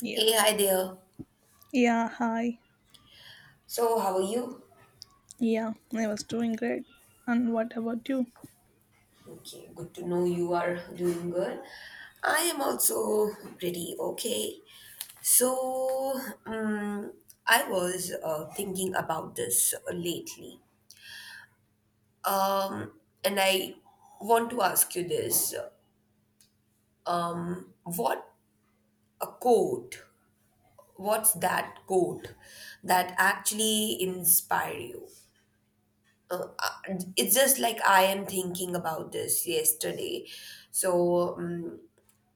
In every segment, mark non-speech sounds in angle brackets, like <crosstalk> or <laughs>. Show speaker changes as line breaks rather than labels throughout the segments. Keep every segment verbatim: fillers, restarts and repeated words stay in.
Yeah.
Hey, hi there.
Yeah, hi.
So, how are you?
Yeah, I was doing great. And what about you?
Okay, good to know you are doing good. I am also pretty okay. So, um, I was uh, thinking about this lately. Um, and I want to ask you this. Um, what a quote, what's that quote that actually inspire you? uh, it's just like I am thinking about this yesterday. So um,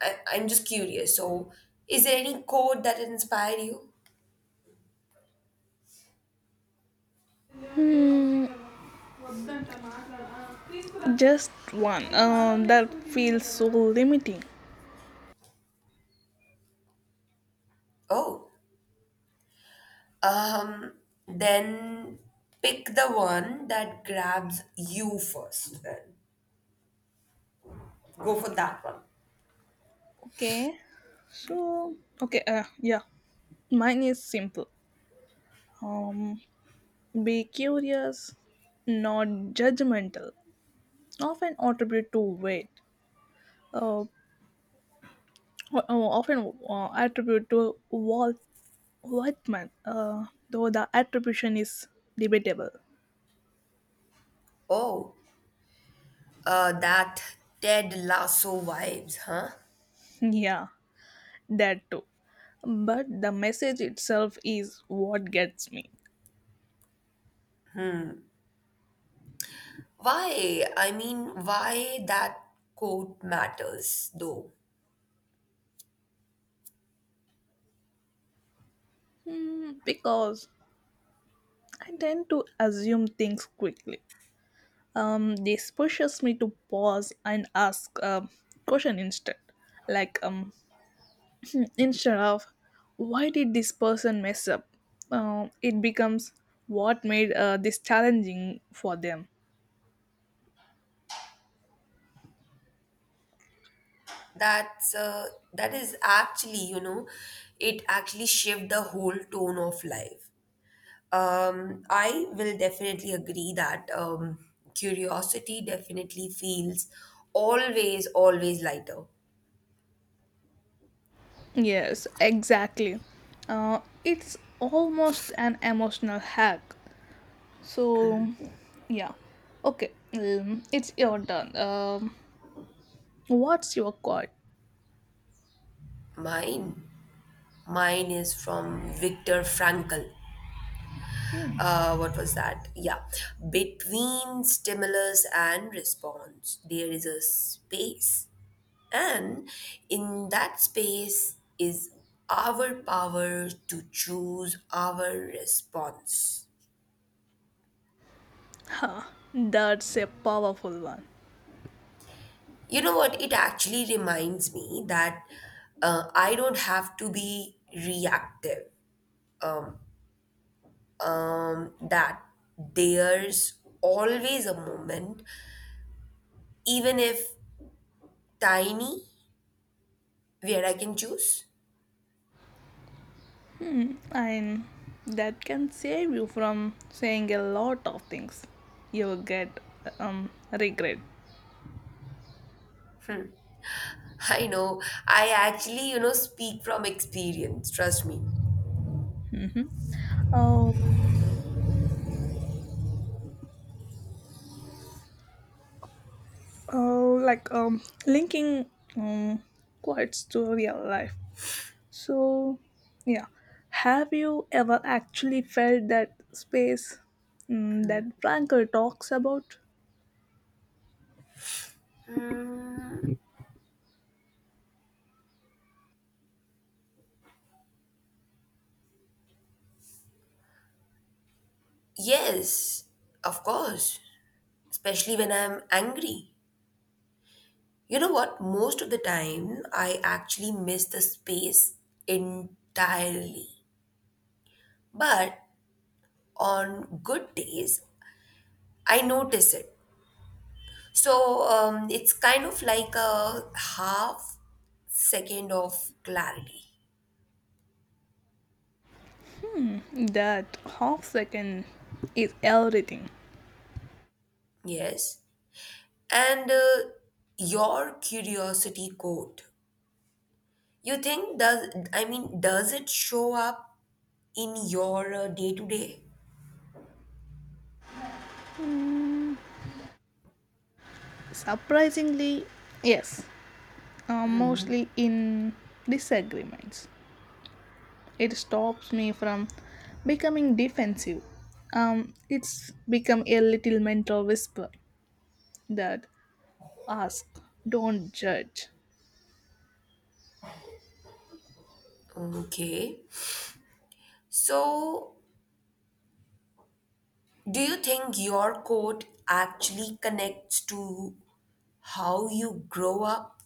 I, I'm just curious. So, is there any quote that inspired you?
Hmm, just one. Um, that feels so limiting.
Oh, um, then pick the one that grabs you first. Then go for that one.
Okay. So, okay, uh, yeah. Mine is simple. Um, be curious, not judgmental. Often attribute to weight. Uh, o- often uh, attribute to Walt Whitman, uh, though the attribution is debatable.
Oh, uh, that Ted Lasso vibes, huh?
Yeah. That too. But the message itself is what gets me.
Why? I mean, why that quote matters though?
Hmm, because I tend to assume things quickly. Um, this pushes me to pause and ask a question instead. Like, um, instead of why did this person mess up, uh, it becomes what made uh, this challenging for them.
that's uh, that is actually, you know, it actually shift the whole tone of life. um I will definitely agree that um curiosity definitely feels always always lighter.
Yes, exactly. Uh, it's almost an emotional hack. So, yeah. Okay, um, it's your turn. Um, what's your card?
Mine mine is from Viktor Frankl. Uh what was that? Yeah, between stimulus and response there is a space. And in that space is our power to choose our response.
Huh, that's a powerful one.
You know what? It actually reminds me that uh, I don't have to be reactive. Um, that there's always a moment, even if tiny, where I can choose.
And that can save you from saying a lot of things you'll get um, regret.
<laughs> I know, I actually, you know, speak from experience, trust me.
Oh, oh, like um, linking um, quotes to real life. So, yeah. Have you ever actually felt that space mm, that Frankel talks about?
Yes, of course, especially when I'm angry. You know what? Most of the time, I actually miss the space entirely. But on good days, I notice it. So um, it's kind of like a half second of clarity.
Hmm, That half second is everything.
Yes. And uh, your curiosity code. You think does, I mean, does it show up in your uh, day to day?
Hmm, Surprisingly, yes, uh, mostly in disagreements. It stops me from becoming defensive. Um, it's become a little mental whisper that asks, don't judge.
Okay. So do you think your code actually connects to how you grow up?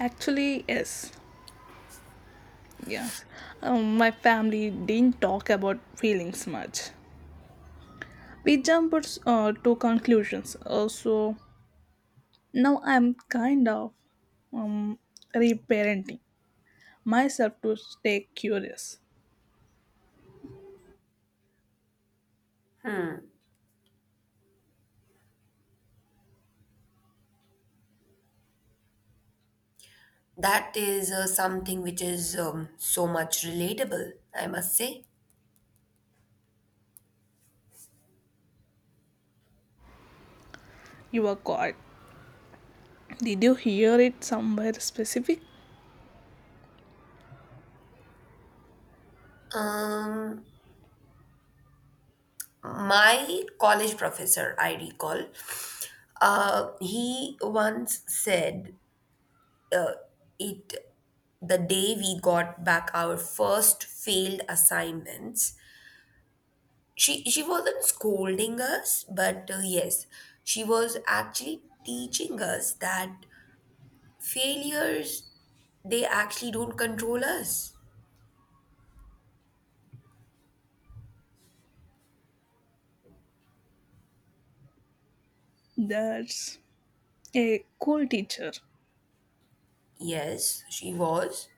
Actually, yes, yes. Um, my family didn't talk about feelings much. We jumped uh, to conclusions. Also, now I'm kind of um, reparenting myself to stay curious.
That is uh, something which is um, so much relatable, I must say.
You were caught. Did you hear it somewhere specific?
Um, my college professor, I recall, uh, he once said it the day we got back our first failed assignments. She she wasn't scolding us, but uh, yes, she was actually teaching us that failures, they actually don't control us.
That's a cool teacher.
Yes, she was.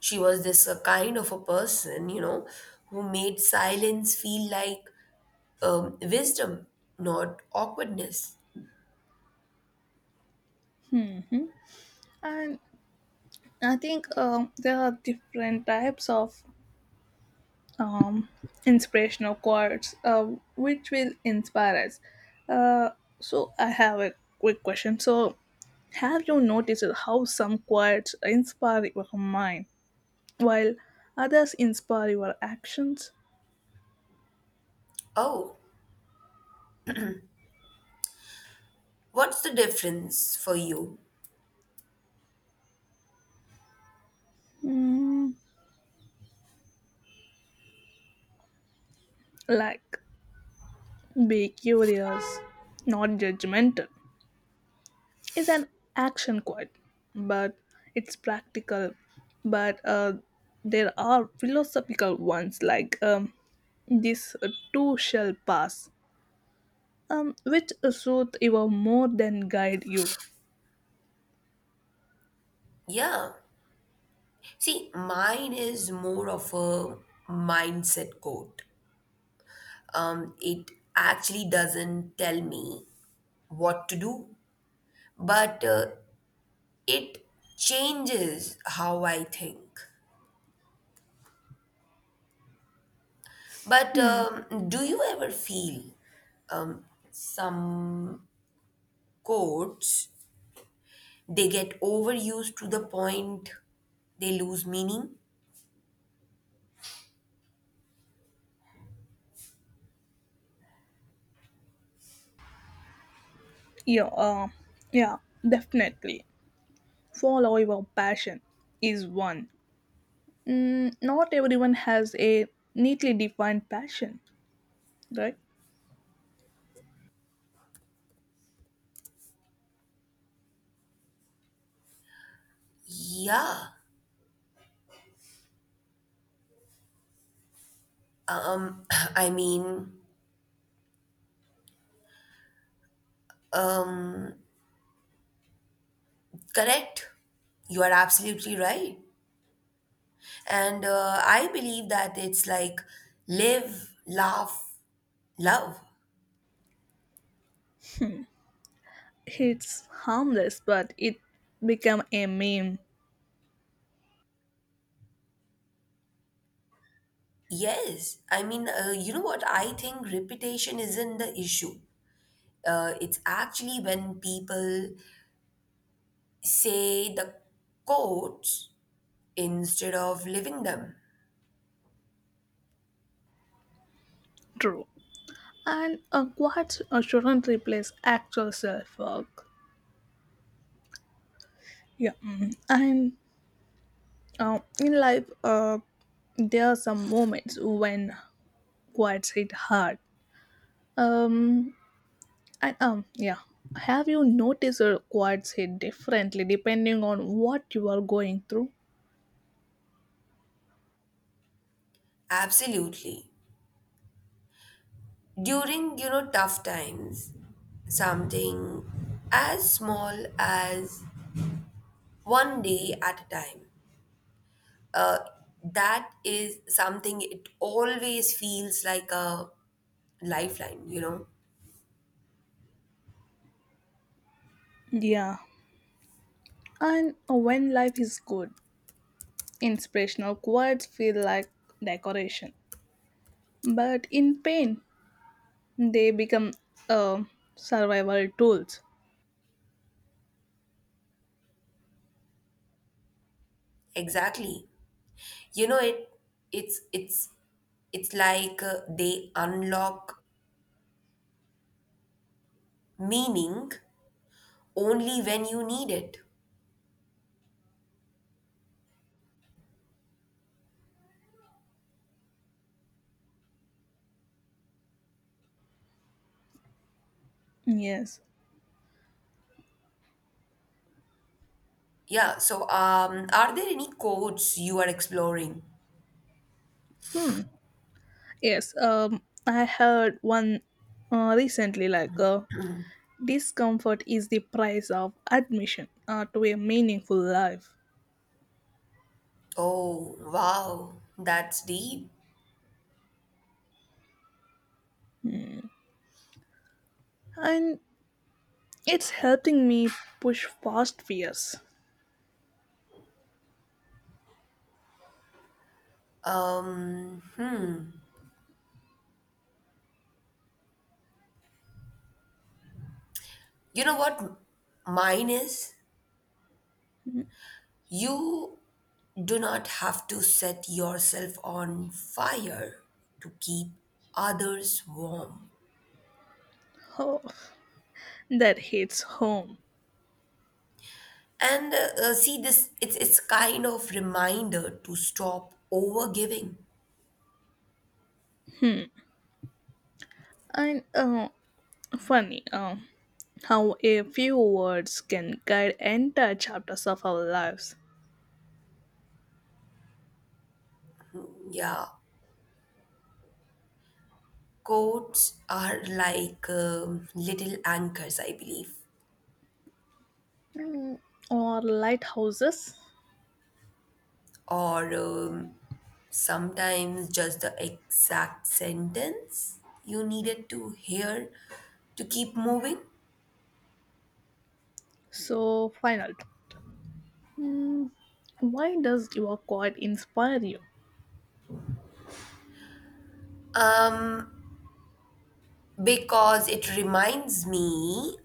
She was this uh, kind of a person, you know, who made silence feel like um, wisdom, not awkwardness.
And I think um, there are different types of um, inspirational quotes uh, which will inspire us. uh, so I have a quick question. So have you noticed how some quotes inspire your mind while others inspire your actions.
Oh, what's the difference for you?
Mm, like, be curious, not judgmental. It's an action quote, but it's practical. But uh, there are philosophical ones like um, this uh, too shall pass, um, which soothe you more than guide you.
Yeah, see mine is more of a mindset quote. Um, it actually doesn't tell me what to do, but uh, it changes how I think. But um, do you ever feel some quotes they get overused to the point they lose meaning?
Yeah, uh, yeah, definitely. Follow your passion is one. Mm, not everyone has a neatly defined passion, right?
Yeah. Um, <clears throat> I mean, correct. You are absolutely right. And uh, I believe that it's like live, laugh, love.
It's harmless, but it become a meme.
Yes. I mean, uh, you know what? I think repetition isn't the issue. Uh, it's actually when people say the quotes instead of living them.
True. And a quite uh, shouldn't replace actual self-work. Yeah, mhm. And uh, in life, uh, there are some moments when quads hit hard. Um, and um, yeah. Have you noticed your quads hit differently depending on what you are going through?
Absolutely. During, you know, tough times, something as small as one day at a time. Uh, that is something it always feels like a lifeline, you know.
Yeah, and when life is good, inspirational quotes feel like decoration. But in pain, they become uh, survival tools.
Exactly. You know it, it's it's it's like uh, they unlock meaning only when you need it.
Yes.
Yeah, so um, are there any codes you are exploring?
Hmm. Yes. Um, I heard one uh, recently like uh, discomfort is the price of admission uh, to a meaningful life.
Oh, wow, that's deep.
And it's helping me push past fears.
Um, you know what mine is? You do not have to set yourself on fire to keep others warm.
Oh, that hits home.
And uh, uh, see this, it's it's kind of reminder to stop overgiving.
And uh, funny uh, how a few words can guide entire chapters of our lives.
Mm, yeah, quotes are like um, little anchors, I believe,
Mm, or lighthouses.
or um, sometimes just the exact sentence you needed to hear to keep moving.
So, final. Mm, why does your quote inspire you?
Because it reminds me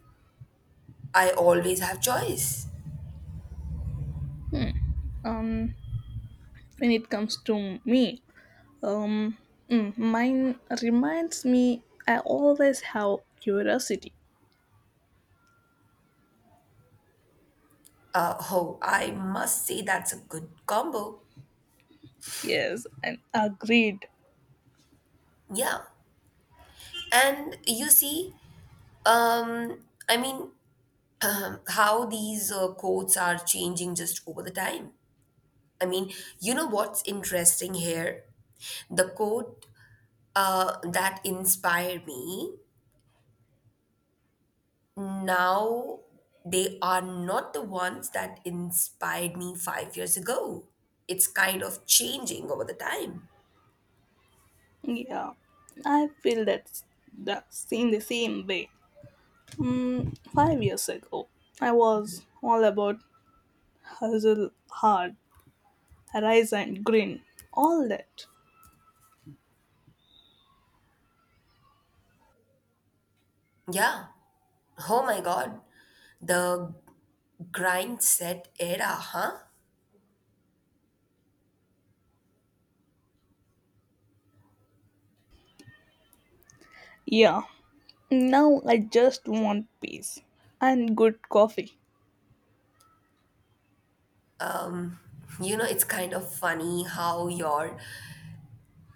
I always have choice.
Um, when it comes to me, um, mm, mine reminds me I always have curiosity.
Uh, oh, I must say that's a good combo.
Yes, and agreed.
Yeah. And you see, um, I mean, <clears throat> um, how these uh, quotes are changing just over the time. I mean, you know what's interesting here? The quote uh, that inspired me now, they are not the ones that inspired me five years ago. It's kind of changing over the time.
Yeah, I feel that's the same the same way. Mm, five years ago, I was all about hustle hard, rise and grin, all that.
Yeah. Oh my God. The grind set era, huh?
Yeah, now I just want peace and good coffee.
You know, it's kind of funny how your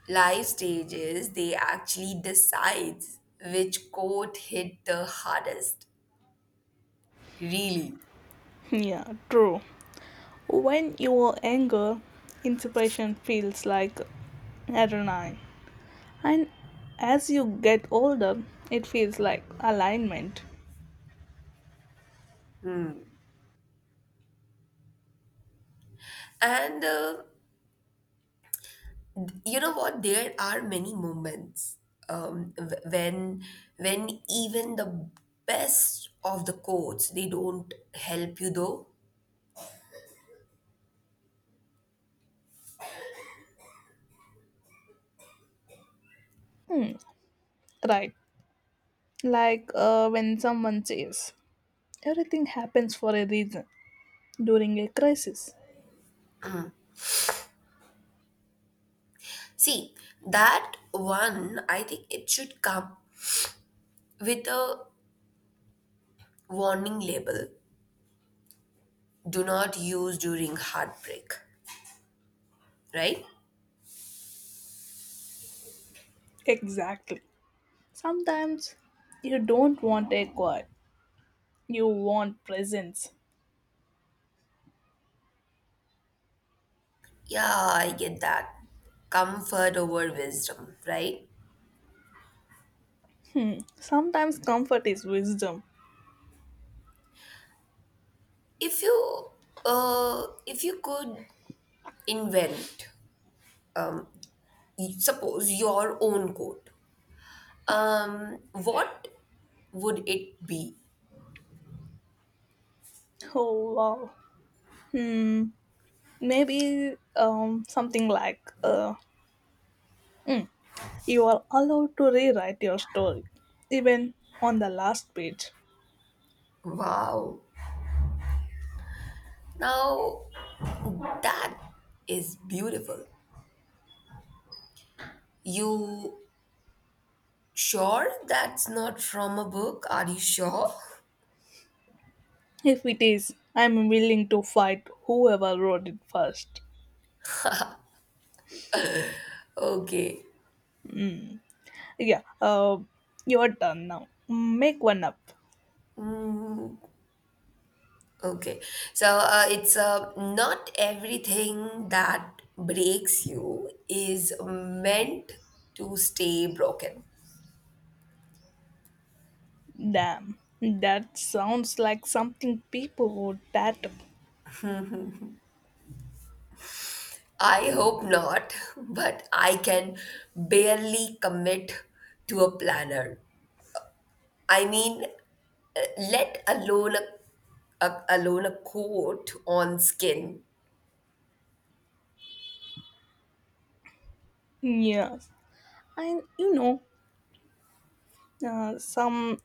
life stages, they actually decides which quote hit the hardest. Really.
Yeah, true. When you are younger, inspiration feels like adrenaline, and as you get older, it feels like alignment.
And uh, you know what? There are many moments um, wh- when when even the best of the codes they don't help you though.
Hmm, right. Like uh, when someone says, everything happens for a reason during a crisis.
See that one. I think it should come with a warning label. Do not use during heartbreak. Right?
Exactly. Sometimes you don't want a quiet, you want presence.
Yeah, I get that. Comfort over wisdom. Right?
Sometimes comfort is wisdom.
If you uh, if you could invent, suppose, your own coat, um what would it be?
Oh wow. Hmm. Maybe um something like uh you are allowed to rewrite your story, even on the last page.
Wow, now that is beautiful. You sure that's not from a book? Are you sure?
If it is, I'm willing to fight whoever wrote it first.
Okay.
Hmm. Yeah. Uh, you're done now. Make one up.
Okay, so uh, it's uh, not everything that breaks you is meant to stay broken.
Damn, that sounds like something people would tattoo.
I hope not, but I can barely commit to a planner. I mean, uh, let alone a, a alone a coat on skin.
Yes, and you know, uh, some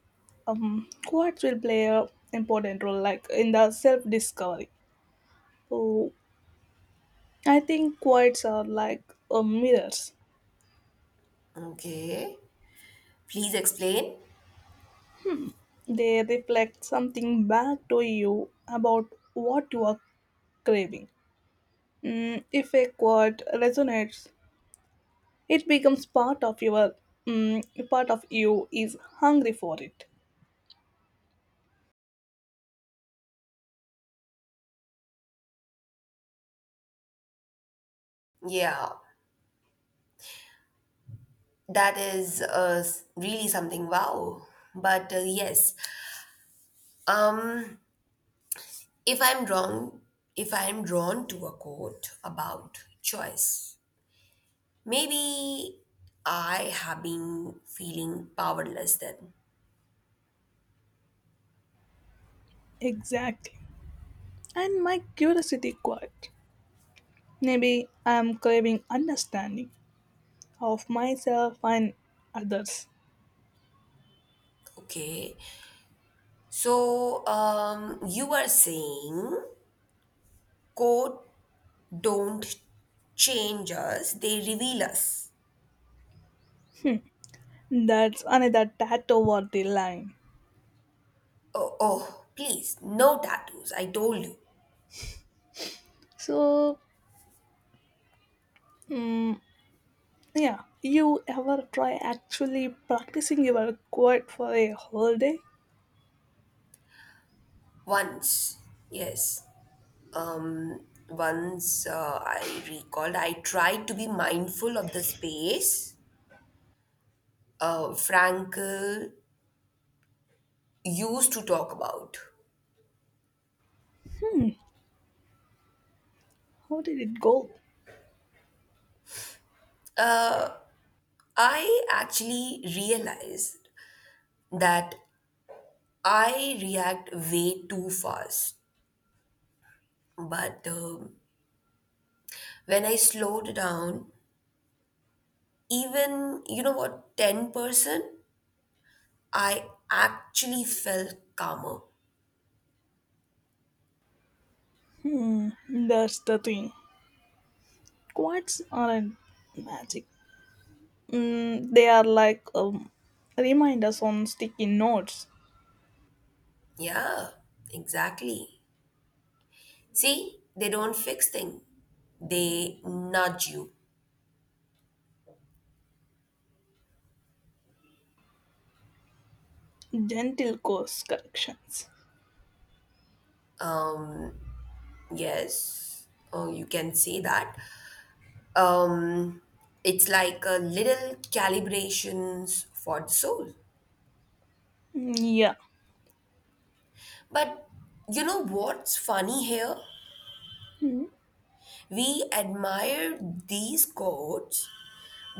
um, quartz will play a important role, like in the self-discovery. So I think quartz are like uh, mirrors.
Okay, please explain.
They reflect something back to you about what you are craving. Mm, if a quote resonates, it becomes part of your mm, part of you is hungry for it.
Yeah, that is uh, s- really something. Wow. But uh, yes, um, if I'm wrong, if I'm drawn to a quote about choice, maybe I have been feeling powerless then.
Exactly. And my curiosity quite. Maybe I am craving understanding of myself and others.
Okay. So, um, you are saying code don't change us, they reveal us.
That's another tattoo or the line.
Oh, oh, please, no tattoos. I told you
So, mm, yeah, you ever try actually practicing your quote for a whole day?
once. Yes. Um, Once uh, I recalled, I tried to be mindful of the space uh, Frankel used to talk about.
Hmm, how did it go?
I actually realized that I react way too fast. But um, when I slowed down, even, you know what, ten percent, I actually felt calmer.
Hmm, that's the thing. Quads aren't magic. Mm, they are like um, reminders on sticky notes.
Yeah, exactly. See, they don't fix things, they nudge you.
Gentle course corrections.
Um, yes, oh, you can say that. Um, it's like a little calibrations for the soul.
Mm, yeah.
But you know what's funny here?
Hmm.
We admire these codes,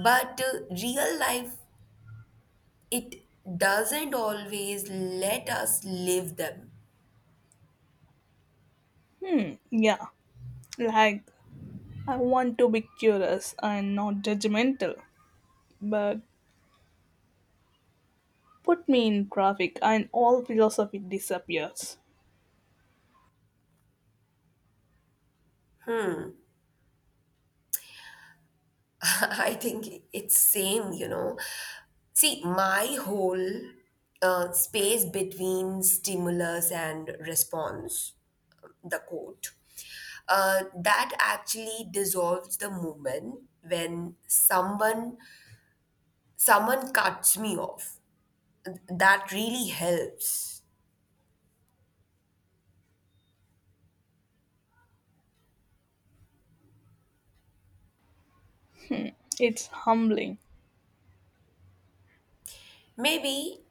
but uh, real life, it doesn't always let us live them.
Yeah. Like, I want to be curious and not judgmental, but put me in traffic and all philosophy disappears.
<laughs> I think it's same, you know. See, my whole uh, space between stimulus and response, the quote, uh, that actually dissolves the moment when someone someone cuts me off, that really helps.
It's humbling.
Maybe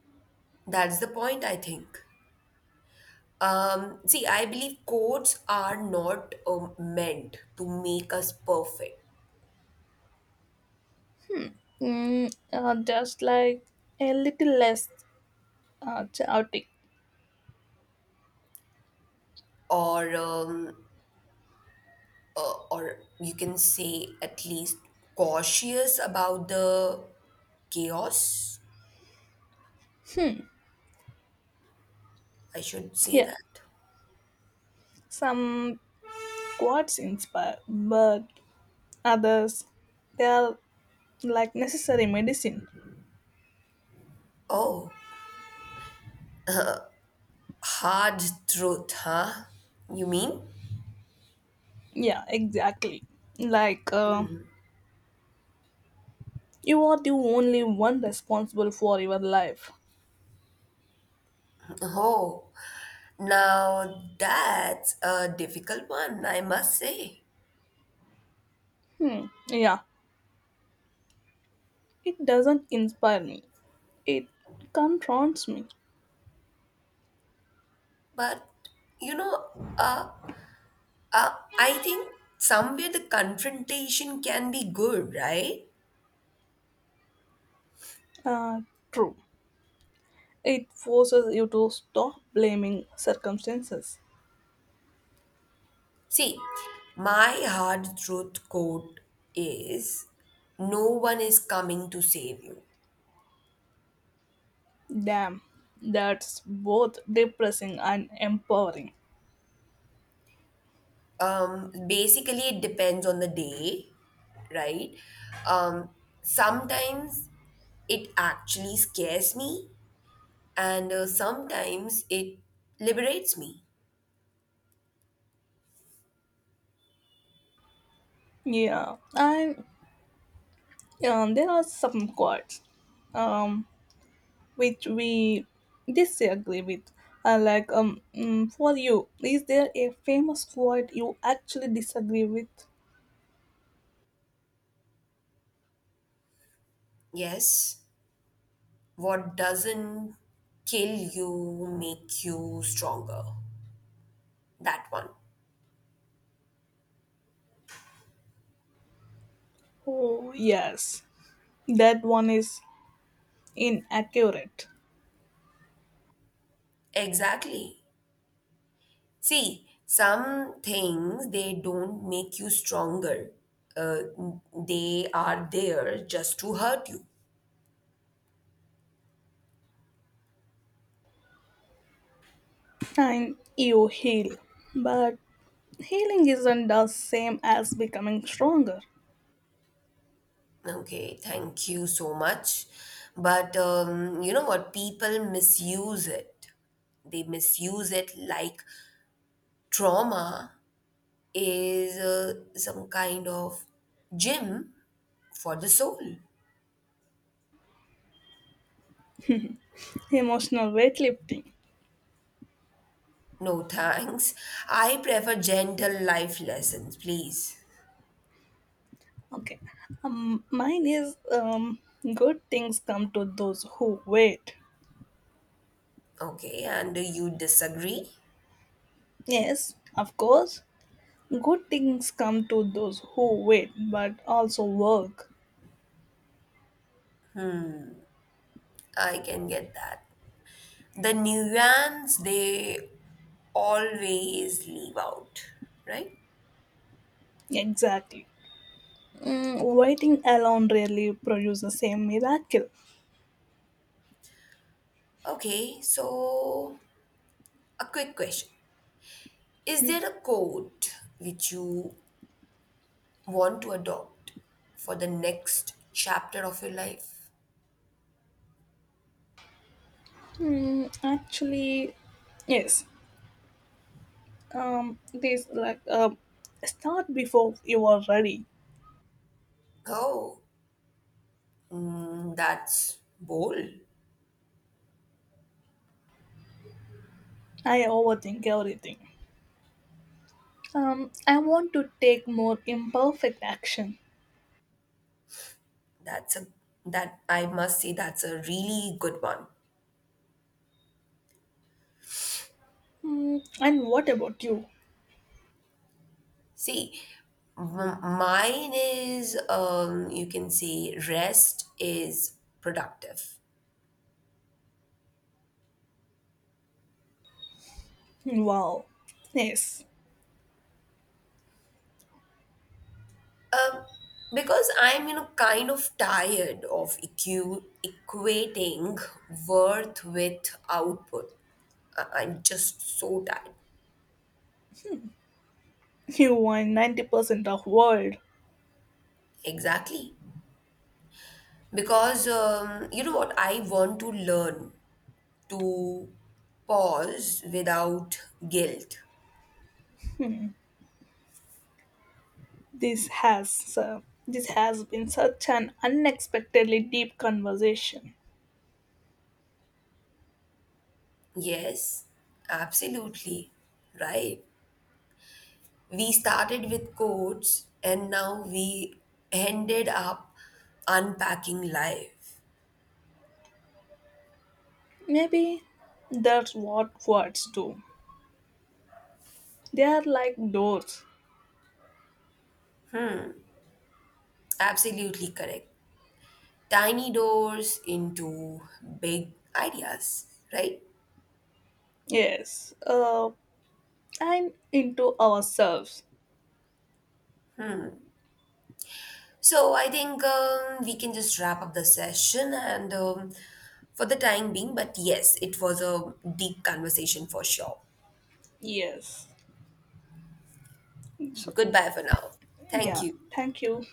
that's the point, I think. Um, see, I believe codes are not um, meant to make us perfect,
Mm, uh, just like a little less uh, chaotic.
or um, uh, or you can say at least cautious about the chaos. I should say
Yeah.
that.
Some quotes inspire, but others, they are like necessary medicine.
Oh, hard truth, huh? You mean?
Yeah, exactly. Like, uh, you are the only one responsible for your life.
Oh, now that's a difficult one, I must say.
Hmm. Yeah, it doesn't inspire me. It confronts me.
But you know, uh, uh, I think somewhere the confrontation can be good, right?
Uh, True. It forces you to stop blaming circumstances.
See, my hard truth quote is no one is coming to save you.
Damn, that's both depressing and empowering.
Um, basically, it depends on the day, right? Um, Sometimes it actually scares me, and uh, sometimes it liberates me.
Yeah, and um, there are some quotes. Um, which we disagree with. Uh, like, um, mm, for you, is there a famous quote you actually disagree with?
Yes. What doesn't kill you make you stronger. That one.
Oh, yes, that one is inaccurate.
Exactly. See, some things they don't make you stronger. Uh, they are there just to hurt you.
And you heal. But healing isn't the same as becoming stronger.
Okay, thank you so much. But um, you know what? People misuse it. They misuse it like trauma is uh, some kind of gym for the soul.
Emotional weightlifting.
No, thanks. I prefer gentle life lessons, please.
Okay, um, mine is um, good things come to those who wait.
Okay, and you disagree?
Yes, of course, good things come to those who wait but also work.
I can get that. The nuance they always leave out, right?
Exactly. Mm, waiting alone rarely produces the same miracle.
Okay, so a quick question. Is there a quote which you want to adopt for the next chapter of your life?
Hmm, actually, yes. Um, this like uh, start before you are ready.
Oh, mm, that's bold.
I overthink everything. Um, I want to take more imperfect action.
That's a, that I must say, that's a really good one.
Hmm, and what about you?
See, m- mine is, um, you can say rest is productive.
Wow. Yes,
Um, because I'm, you know, kind of tired of equ- equating worth with output. I, I'm just so tired.
<laughs> you are ninety percent of world.
Exactly. Because um, you know what? I want to learn to pause without guilt.
This has uh, this has been such an unexpectedly deep conversation.
Yes, absolutely. Right. We started with quotes and now we ended up unpacking life.
Maybe that's what words do. They are like doors.
Absolutely correct. Tiny doors into big ideas, right?
Yes. Uh, and into ourselves.
So I think um, we can just wrap up the session and um, for the time being, but yes, it was a deep conversation for sure.
Yes. So,
Goodbye for now. Thank
yeah.
you.
Thank you.